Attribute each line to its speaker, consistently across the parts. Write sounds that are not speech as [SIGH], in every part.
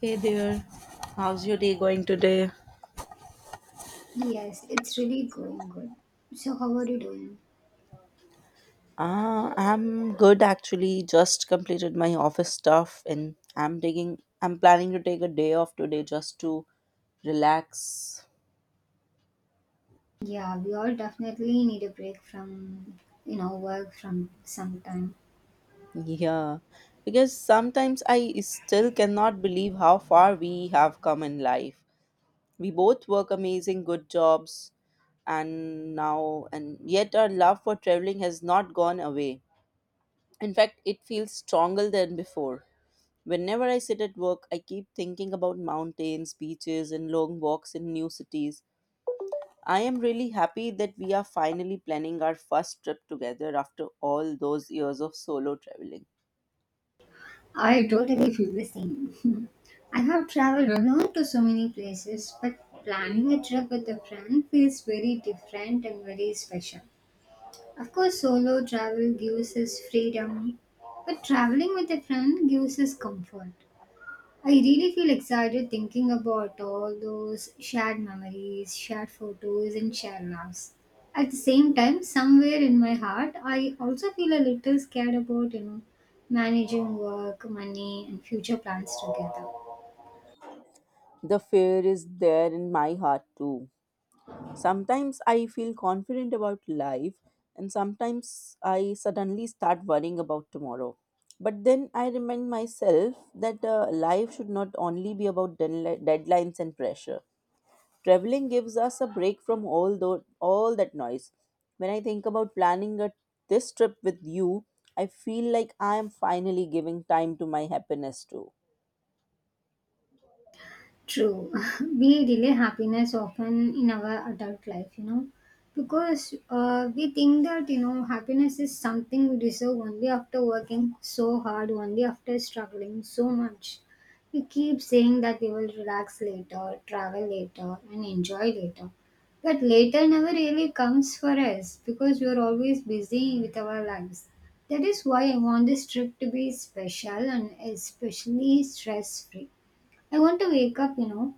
Speaker 1: Hey there, how's your day going today?
Speaker 2: Yes, it's really going good. So how are you doing?
Speaker 1: I'm good actually. Just completed my office stuff and I'm planning to take a day off today just to relax.
Speaker 2: Yeah, we all definitely need a break from work from sometime.
Speaker 1: Yeah. Because sometimes I still cannot believe how far we have come in life. We both work amazing good jobs and yet our love for traveling has not gone away. In fact, it feels stronger than before. Whenever I sit at work, I keep thinking about mountains, beaches, and long walks in new cities. I am really happy that we are finally planning our first trip together after all those years of solo traveling.
Speaker 2: I totally feel the same. [LAUGHS] I have traveled around to so many places, but planning a trip with a friend feels very different and very special. Of course, solo travel gives us freedom, but traveling with a friend gives us comfort. I really feel excited thinking about all those shared memories, shared photos, and shared laughs. At the same time, somewhere in my heart, I also feel a little scared about managing work, money, and future plans together.
Speaker 1: The fear is there in my heart too. Sometimes I feel confident about life, and sometimes I suddenly start worrying about tomorrow. But then I remind myself that life should not only be about deadlines and pressure. Traveling gives us a break from all that noise. When I think about this trip with you, I feel like I am finally giving time to my happiness too.
Speaker 2: True. [LAUGHS] We delay happiness often in our adult life, because we think that happiness is something we deserve only after working so hard, only after struggling so much. We keep saying that we will relax later, travel later, and enjoy later. But later never really comes for us because we are always busy with our lives. That is why I want this trip to be special and especially stress free. I want to wake up,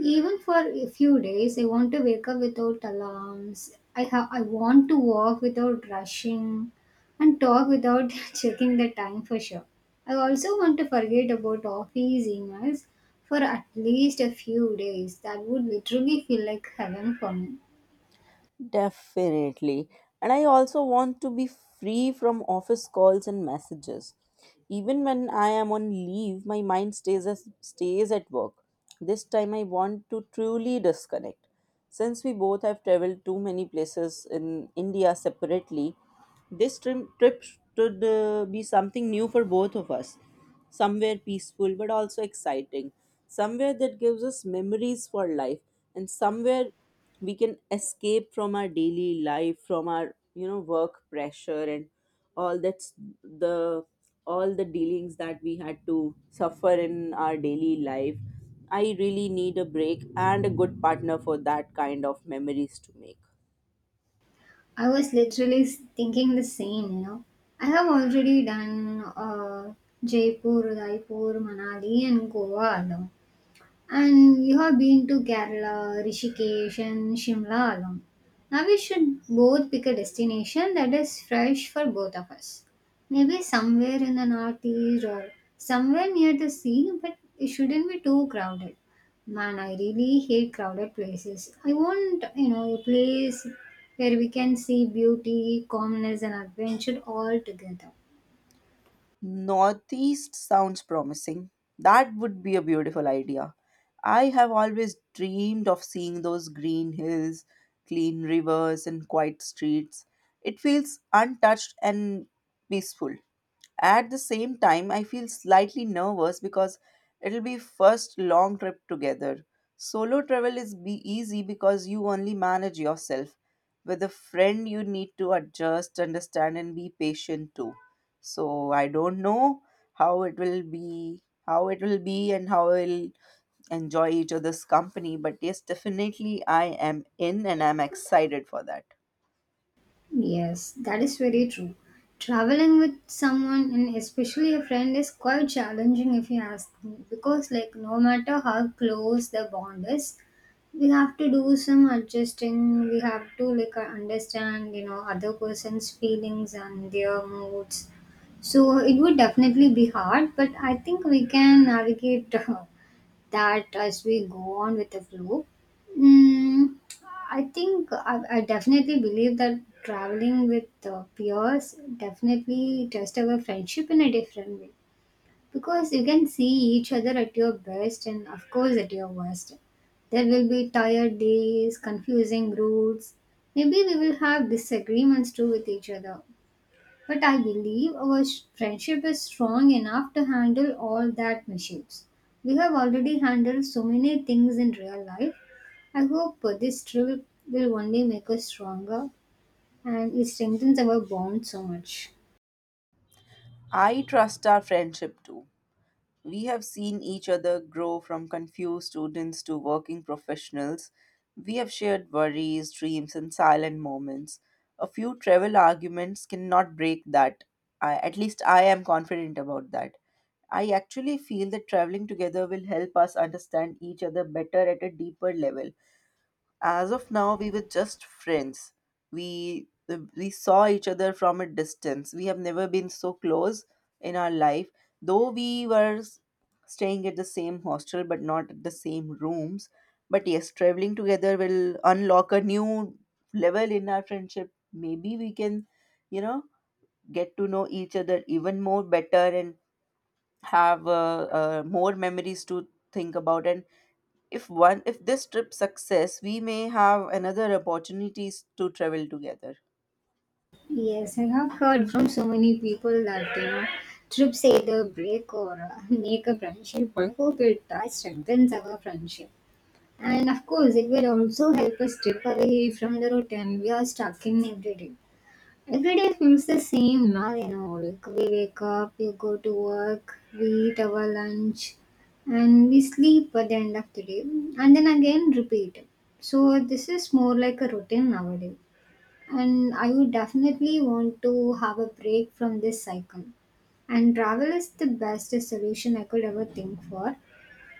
Speaker 2: even for a few days. I want to wake up without alarms. I have. I want to walk without rushing, and talk without [LAUGHS] checking the time for sure. I also want to forget about office emails for at least a few days. That would literally feel like heaven for me.
Speaker 1: Definitely. And I also want to be free from office calls and messages. Even when I am on leave, my mind stays as, stays at work. This time I want to truly disconnect. Since we both have traveled too many places in India separately, this trip should be something new for both of us. Somewhere peaceful but also exciting. Somewhere that gives us memories for life and somewhere we can escape from our daily life, from our, you know, work pressure and all that's the all the dealings that we had to suffer in our daily life. I really need a break and a good partner for that kind of memories to make.
Speaker 2: I was literally thinking the same. I have already done Jaipur, Udaipur, Manali, and Goa alone. And we have been to Kerala, Rishikesh, and Shimla along. Now we should both pick a destination that is fresh for both of us. Maybe somewhere in the northeast or somewhere near the sea, but it shouldn't be too crowded. Man, I really hate crowded places. I want a place where we can see beauty, calmness, and adventure all together.
Speaker 1: Northeast sounds promising. That would be a beautiful idea. I have always dreamed of seeing those green hills, clean rivers, and quiet streets. It feels untouched and peaceful. At the same time, I feel slightly nervous because it'll be first long trip together. Solo travel is be easy because you only manage yourself. With a friend, you need to adjust, understand, and be patient too, so I don't know how it will be and how we'll enjoy each other's company. But yes, definitely I am in and I'm excited for that.
Speaker 2: Yes, that is very true. Traveling with someone and especially a friend is quite challenging if you ask me because like no matter how close the bond is, we have to do some adjusting. We have to like understand other person's feelings and their moods. So it would definitely be hard, but I think we can navigate [LAUGHS] that as we go on with the flow. Mm, I think I definitely believe that traveling with peers definitely test our friendship in a different way because you can see each other at your best and, of course, at your worst. There will be tired days, confusing routes. Maybe we will have disagreements too with each other. But I believe our friendship is strong enough to handle all that mishaps. We have already handled so many things in real life. I hope this trip will only make us stronger and it strengthens our bond so much.
Speaker 1: I trust our friendship too. We have seen each other grow from confused students to working professionals. We have shared worries, dreams, and silent moments. A few travel arguments cannot break that. At least I am confident about that. I actually feel that traveling together will help us understand each other better at a deeper level. As of now, we were just friends. We we saw each other from a distance. We have never been so close in our life. Though we were staying at the same hostel but not at the same rooms. But yes, traveling together will unlock a new level in our friendship. Maybe we can, you know, get to know each other even more better and have more memories to think about. And if this trip success, we may have another opportunities to travel together.
Speaker 2: Yes, I have heard from so many people that trips either break or [LAUGHS] make a friendship. I hope it strengthens our friendship. And of course, it will also help us step away from the routine we are stuck in every day. Every day feels the same now. Like we wake up, we go to work, we eat our lunch, and we sleep at the end of the day, and then again repeat. So this is more like a routine nowadays, and I would definitely want to have a break from this cycle. And travel is the best solution I could ever think for.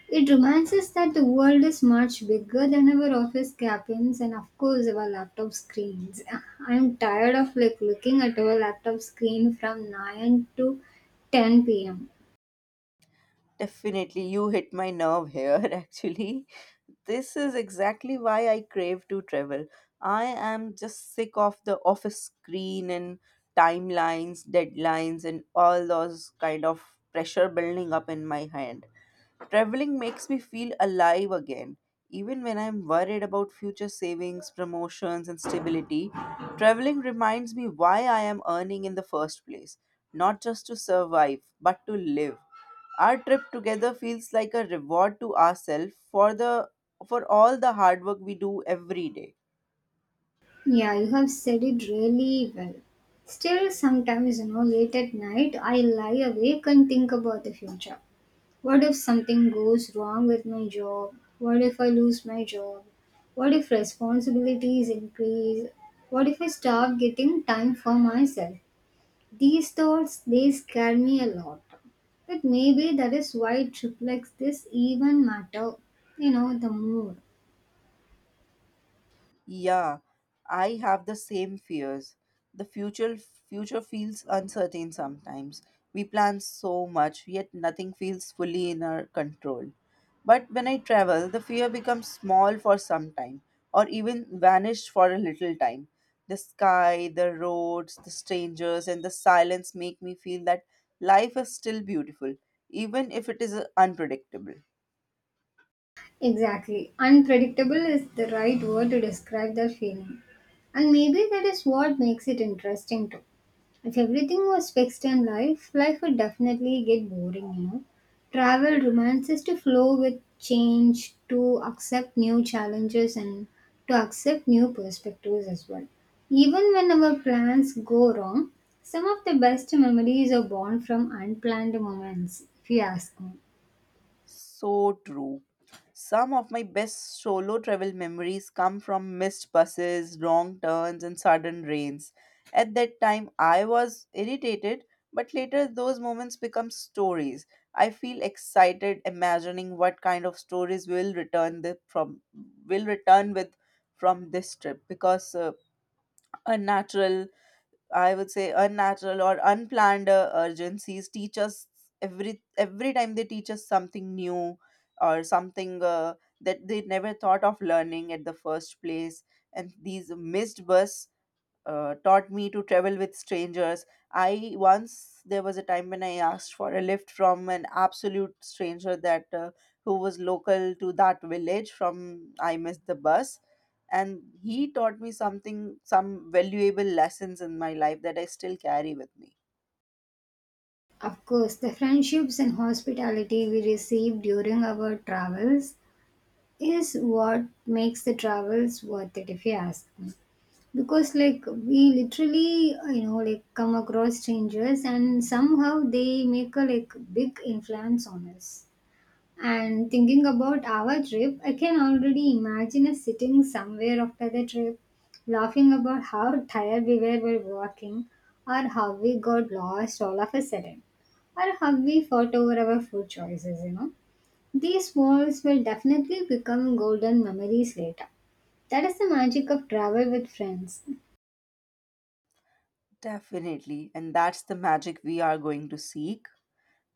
Speaker 2: It reminds us that the world is much bigger than our office cabins and of course our laptop screens. [LAUGHS] I'm tired of like looking at our laptop screen from 9 to 10 p.m.
Speaker 1: Definitely you hit my nerve here [LAUGHS] actually. This is exactly why I crave to travel. I am just sick of the office screen and timelines, deadlines and all those kind of pressure building up in my hand. Traveling makes me feel alive again. Even when I'm worried about future savings, promotions, and stability, traveling reminds me why I am earning in the first place, not just to survive, but to live. Our trip together feels like a reward to ourselves for all the hard work we do every day.
Speaker 2: Yeah, you have said it really well. Still, sometimes, late at night, I lie awake and think about the future. What if something goes wrong with my job? What if I lose my job? What if responsibilities increase? What if I stop getting time for myself? These thoughts, they scare me a lot. But maybe that is why it reflects this even matter. You know, the mood.
Speaker 1: Yeah, I have the same fears. The future feels uncertain sometimes. We plan so much, yet nothing feels fully in our control. But when I travel, the fear becomes small for some time, or even vanished for a little time. The sky, the roads, the strangers, and the silence make me feel that life is still beautiful, even if it is unpredictable.
Speaker 2: Exactly. Unpredictable is the right word to describe that feeling. And maybe that is what makes it interesting too. If everything was fixed in life, life would definitely get boring. Travel reminds us to flow with change, to accept new challenges, and to accept new perspectives as well. Even when our plans go wrong, some of the best memories are born from unplanned moments, if you ask me.
Speaker 1: So true. Some of my best solo travel memories come from missed buses, wrong turns, and sudden rains. At that time, I was irritated, but later those moments become stories. I feel excited imagining what kind of stories will return the, from will return with from this trip, because a natural, I would say unnatural or unplanned urgencies teach us. Every time they teach us something new or something that they never thought of learning at the first place. And these missed bus taught me to travel with strangers. I once There was a time when I asked for a lift from an absolute stranger that who was local to that village from I missed the bus, and he taught me some valuable lessons in my life that I still carry with me.
Speaker 2: Of course, the friendships and hospitality we received during our travels is what makes the travels worth it, if you ask me, because like we literally like come across strangers and somehow they make a like big influence on us. And thinking about our trip, I can already imagine us sitting somewhere after the trip, laughing about how tired we were while walking, or how we got lost all of a sudden, or how we fought over our food choices. These walls will definitely become golden memories later. That is the magic of travel with friends.
Speaker 1: Definitely. And that's the magic we are going to seek.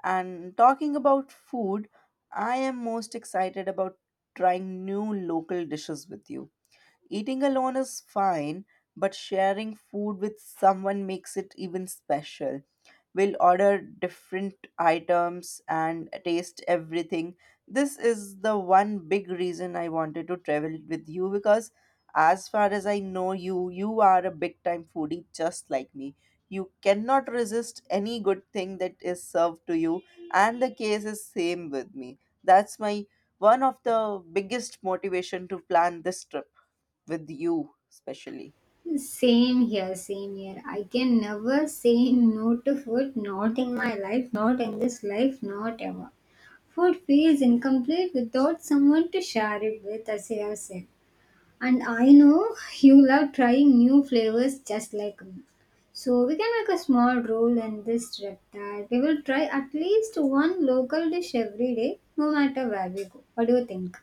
Speaker 1: And talking about food, I am most excited about trying new local dishes with you. Eating alone is fine, but sharing food with someone makes it even special. We'll order different items and taste everything. This is the one big reason I wanted to travel with you because, as far as I know you, you are a big time foodie just like me. You cannot resist any good thing that is served to you, and the case is same with me. That's my one of the biggest motivation to plan this trip with you especially.
Speaker 2: Same here, same here. I can never say no to food, not in my life, not in this life, not ever. Food feels incomplete without someone to share it with, as you have said. And I know you love trying new flavors just like me. So we can make a small rule in this trip that we will try at least one local dish every day, no matter where we go. What do you think?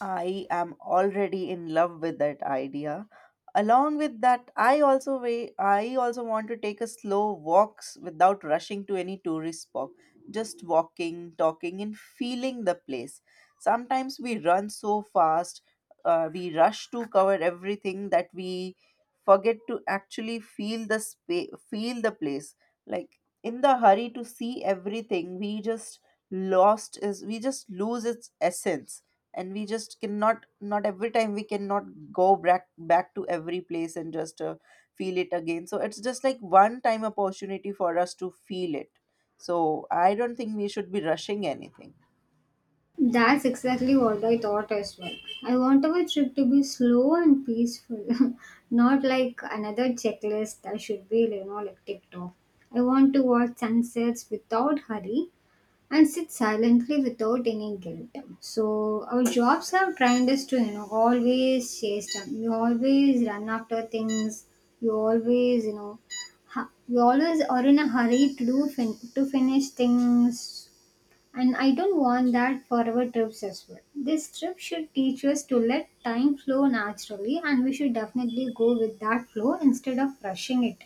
Speaker 1: I am already in love with that idea. Along with that, I also want to take a slow walks without rushing to any tourist spot. Just walking, talking, and feeling the place. Sometimes we run so fast, we rush to cover everything that we forget to actually feel the space, feel the place. Like in the hurry to see everything, we just lost is we just lose its essence. And we just cannot not every time we cannot go back back to every place and just feel it again. So it's just like one time opportunity for us to feel it, so I don't think we should be rushing anything.
Speaker 2: That's exactly what I thought as well. I want our trip to be slow and peaceful, [LAUGHS] not like another checklist that should be like ticked off. I want to watch sunsets without hurry and sit silently without any guilt. So our jobs have trained us to always chase time. You always run after things. You always, you know, hu- you always are in a hurry to do to finish things. And I don't want that for our trips as well. This trip should teach us to let time flow naturally, and we should definitely go with that flow instead of rushing it.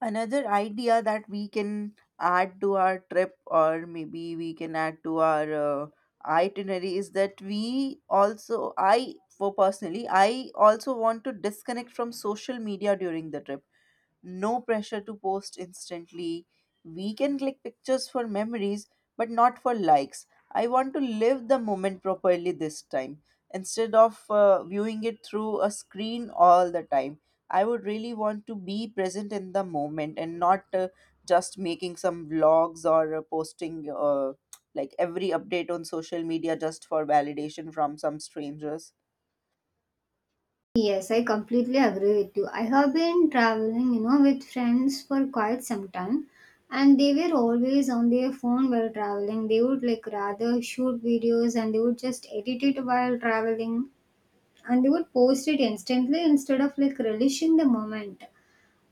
Speaker 1: Another idea that we can add to our uh, itinerary is that we also, I for personally I also want to disconnect from social media during the trip. No pressure to post instantly. We can click pictures for memories, but not for likes. I want to live the moment properly this time instead of viewing it through a screen all the time. I would really want to be present in the moment and not just making some vlogs or posting like every update on social media just for validation from some strangers.
Speaker 2: Yes, I completely agree with you. I have been traveling with friends for quite some time, and they were always on their phone while traveling. They would like rather shoot videos and they would just edit it while traveling and they would post it instantly instead of like relishing the moment.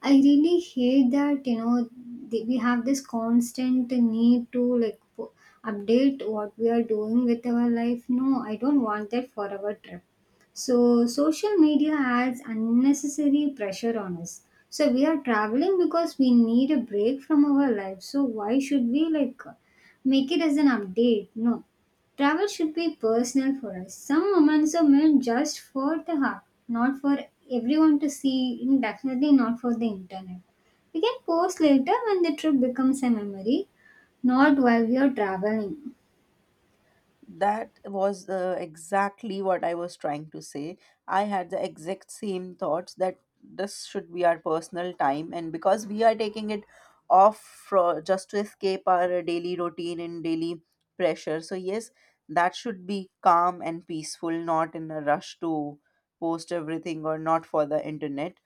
Speaker 2: I really hate that we have this constant need to like update what we are doing with our life. No, I don't want that forever trip. So social media adds unnecessary pressure on us. So we are traveling because we need a break from our life. So why should we like make it as an update? No, travel should be personal for us. Some moments are meant just for the heart, not for everyone to see, and definitely not for the internet. We can post later when the trip becomes a memory, not while we are traveling.
Speaker 1: That was exactly what I was trying to say. I had the exact same thoughts that this should be our personal time, and because we are taking it off for, just to escape our daily routine and daily pressure. So, yes, that should be calm and peaceful, not in a rush to post everything or not for the internet.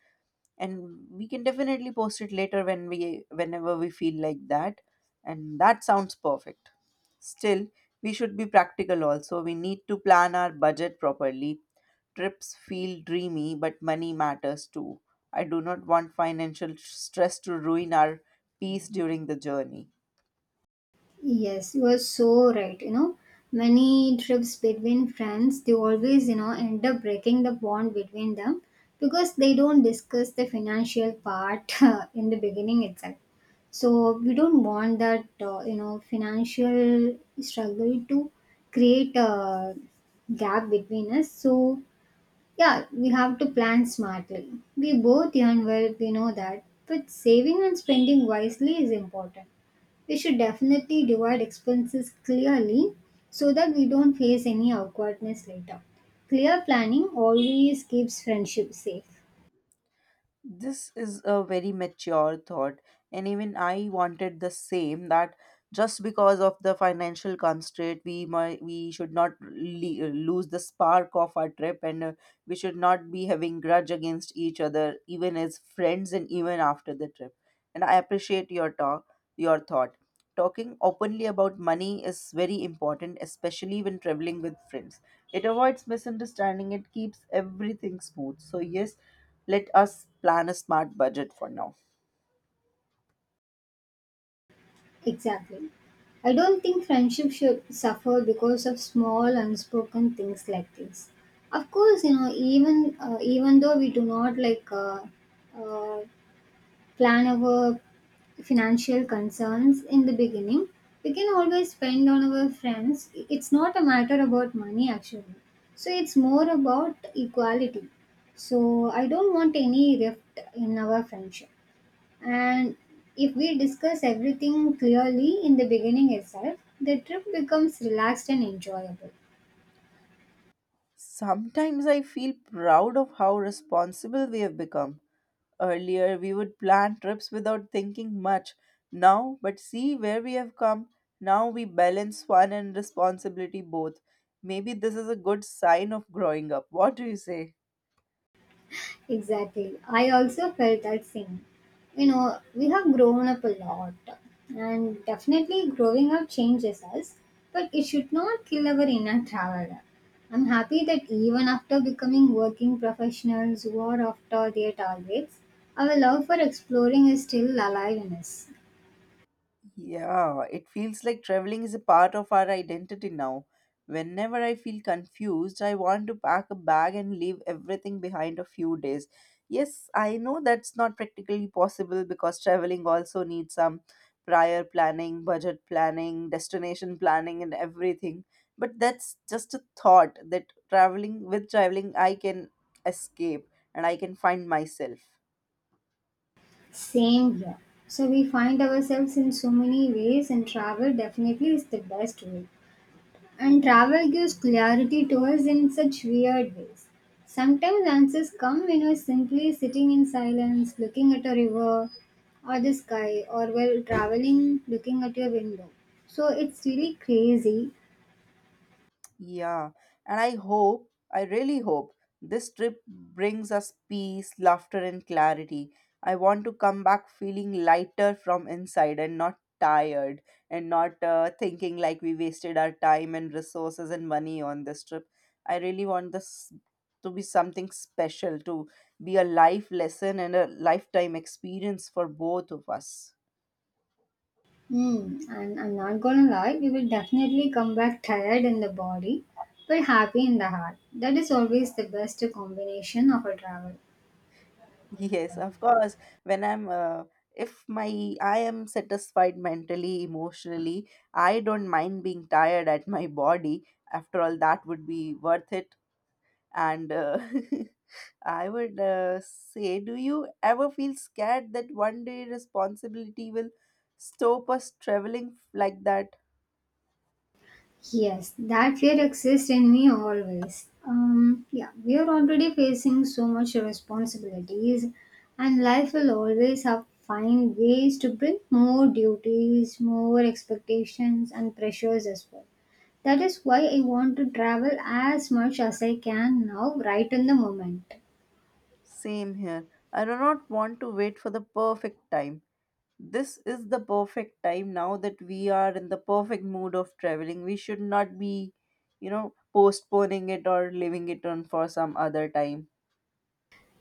Speaker 1: And we can definitely post it later whenever we feel like that, and that sounds perfect. Still, we should be practical also. We need to plan our budget properly. Trips feel dreamy but money matters too. I do not want financial stress to ruin our peace during the journey.
Speaker 2: Yes, you are so right. You know, many trips between friends, they always end up breaking the bond between them because they don't discuss the financial part [LAUGHS] in the beginning itself. So we don't want that financial struggle to create a gap between us. So yeah, we have to plan smartly. We both earn well, we know that, but saving and spending wisely is important. We should definitely divide expenses clearly so that we don't face any awkwardness later. Clear planning always keeps friendship safe.
Speaker 1: This is a very mature thought, and even I wanted the same that just because of the financial constraint, we should not lose the spark of our trip, and we should not be having grudge against each other, even as friends and even after the trip. And I appreciate your thought. Talking openly about money is very important, especially when traveling with friends. It avoids misunderstanding, it keeps everything smooth. So, yes, let us plan a smart budget for now.
Speaker 2: Exactly. I don't think friendship should suffer because of small unspoken things like this. Of course, you know, even even though we do not like uh, plan our financial concerns in the beginning. We can always spend on our friends. It's not a matter about money actually. So it's more about equality. So I don't want any rift in our friendship. And if we discuss everything clearly in the beginning itself, the trip becomes relaxed and enjoyable.
Speaker 1: Sometimes I feel proud of how responsible we have become. Earlier, we would plan trips without thinking much. Now, but see where we have come. Now we balance fun and responsibility both. Maybe this is a good sign of growing up. What do you say?
Speaker 2: Exactly. I also felt that same. You know, we have grown up a lot, and definitely growing up changes us, but it should not kill our inner traveler. I'm happy that even after becoming working professionals or after their targets, our love for exploring is still alive in us.
Speaker 1: Yeah, it feels like traveling is a part of our identity now. Whenever I feel confused, I want to pack a bag and leave everything behind a few days. Yes, I know that's not practically possible because traveling also needs some prior planning, budget planning, destination planning, and everything. But that's just a thought that traveling, I can escape and I can find myself.
Speaker 2: Same here. So we find ourselves in so many ways, and travel definitely is the best way. And travel gives clarity to us in such weird ways. Sometimes answers come when we're simply sitting in silence, looking at a river or the sky, or while traveling, looking at your window. So it's really crazy.
Speaker 1: Yeah, and I hope, I really hope, this trip brings us peace, laughter, and clarity. I want to come back feeling lighter from inside and not tired and not thinking like we wasted our time and resources and money on this trip. I really want this to be something special, to be a life lesson and a lifetime experience for both of us.
Speaker 2: Hmm. And I'm not gonna lie, we will definitely come back tired in the body, but happy in the heart. That is always the best combination of a travel.
Speaker 1: Yes, of course. When I'm, uh, if my I am satisfied mentally, emotionally, I don't mind being tired at my body. After all, that would be worth it. And [LAUGHS] I would say, do you ever feel scared that one day responsibility will stop us traveling like that?
Speaker 2: Yes, that fear exists in me always. Yeah, we are already facing so much responsibilities, and life will always have find ways to bring more duties, more expectations, and pressures as well. That is why I want to travel as much as I can now, right in the moment.
Speaker 1: Same here. I do not want to wait for the perfect time. This is the perfect time. Now that we are in the perfect mood of traveling, we should not be postponing it or leaving it on for some other time.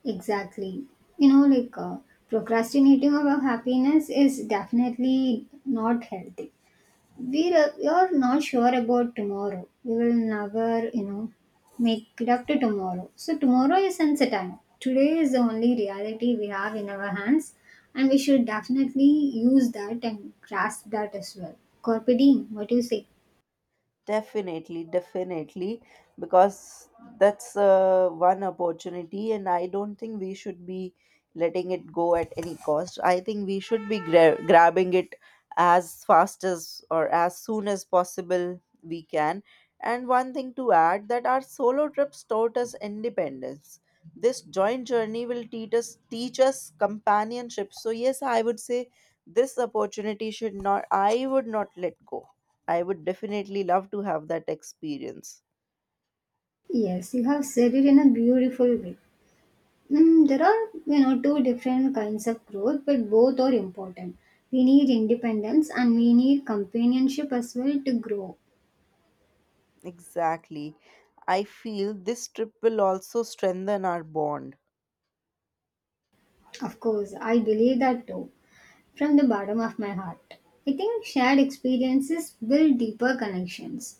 Speaker 2: Exactly. You know, like procrastinating about happiness is definitely not healthy. You're not sure about tomorrow. We will never make it up to tomorrow. So tomorrow is uncertain. Today is the only reality we have in our hands, and we should definitely use that and grasp that as well. Carpe diem. What do you say?
Speaker 1: Definitely, definitely, because that's one opportunity, and I don't think we should be letting it go at any cost. I think we should be grabbing it as fast as or as soon as possible we can. And one thing to add that our solo trips taught us independence. This joint journey will teach us companionship. So yes, I would say this opportunity should not I would not let go. I would definitely love to have that experience.
Speaker 2: Yes, you have said it in a beautiful way. There are, two different kinds of growth, but both are important. We need independence and we need companionship as well to grow.
Speaker 1: Exactly. I feel this trip will also strengthen our bond.
Speaker 2: Of course, I believe that too. From the bottom of my heart, I think shared experiences build deeper connections.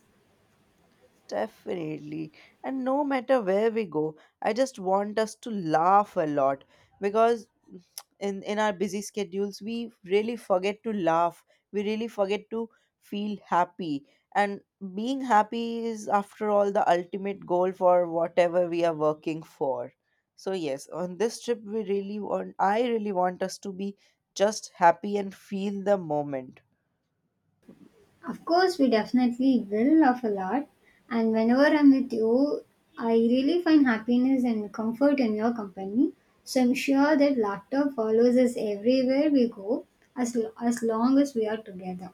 Speaker 1: Definitely. And no matter where we go, I just want us to laugh a lot because in our busy schedules we really forget to laugh. We really forget to feel happy. And being happy is after all the ultimate goal for whatever we are working for. So yes, on this trip we really want I really want us to be just happy and feel the moment.
Speaker 2: Of course, we definitely will laugh a lot, and whenever I'm with you, I really find happiness and comfort in your company. So I'm sure that laughter follows us everywhere we go as long as we are together.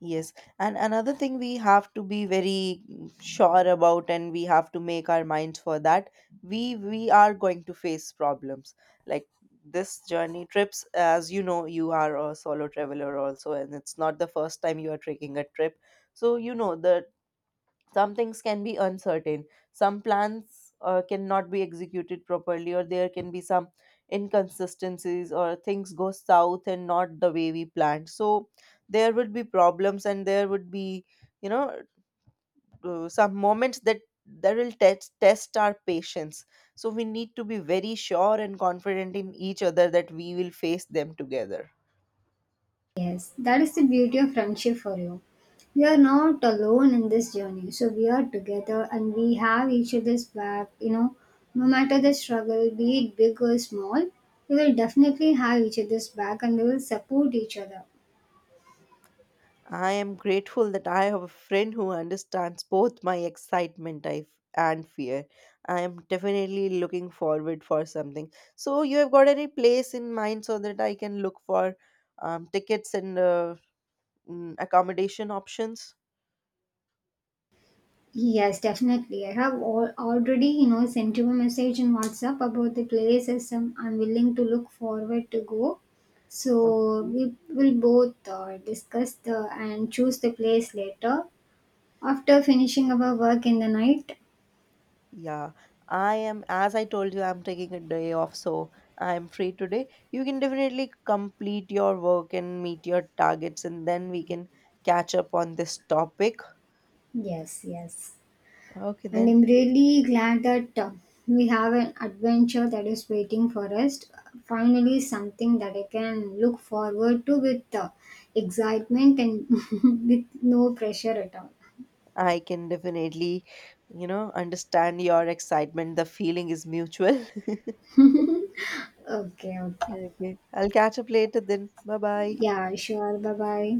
Speaker 1: Yes, and another thing we have to be very sure about, and we have to make our minds for that. We are going to face problems like this journey trips. As you know, you are a solo traveler also, and it's not the first time you are taking a trip. So you know the some things can be uncertain. Some plans cannot be executed properly, or there can be some inconsistencies or things go south and not the way we planned. So there would be problems, and there would be, you know some moments that will test our patience. So we need to be very sure and confident in each other that we will face them together.
Speaker 2: Yes, that is the beauty of friendship for you. You are not alone in this journey. So we are together and we have each other's back. You know, no matter the struggle, be it big or small, we will definitely have each other's back and we will support each other.
Speaker 1: I am grateful that I have a friend who understands both my excitement and fear. I am definitely looking forward for something. So you have got any place in mind so that I can look for tickets and accommodation options?
Speaker 2: Yes, definitely. I have already, sent you a message in WhatsApp about the play system. I'm willing to look forward to go. So
Speaker 1: Okay.
Speaker 2: we will both discuss the and choose the place later. After finishing our work in the night.
Speaker 1: Yeah. I am, as I told you, I'm taking a day off, so I am free today. You can definitely complete your work and meet your targets, and then we can catch up on this topic.
Speaker 2: Yes, yes.
Speaker 1: Okay,
Speaker 2: And
Speaker 1: then.
Speaker 2: I'm really glad that we have an adventure that is waiting for us. Finally, something that I can look forward to with excitement and [LAUGHS] with no pressure at all.
Speaker 1: I can definitely, you know, understand your excitement. The feeling is mutual. [LAUGHS]
Speaker 2: Okay, okay.
Speaker 1: Okay. I'll catch up later then. Bye bye.
Speaker 2: Yeah, sure. Bye bye.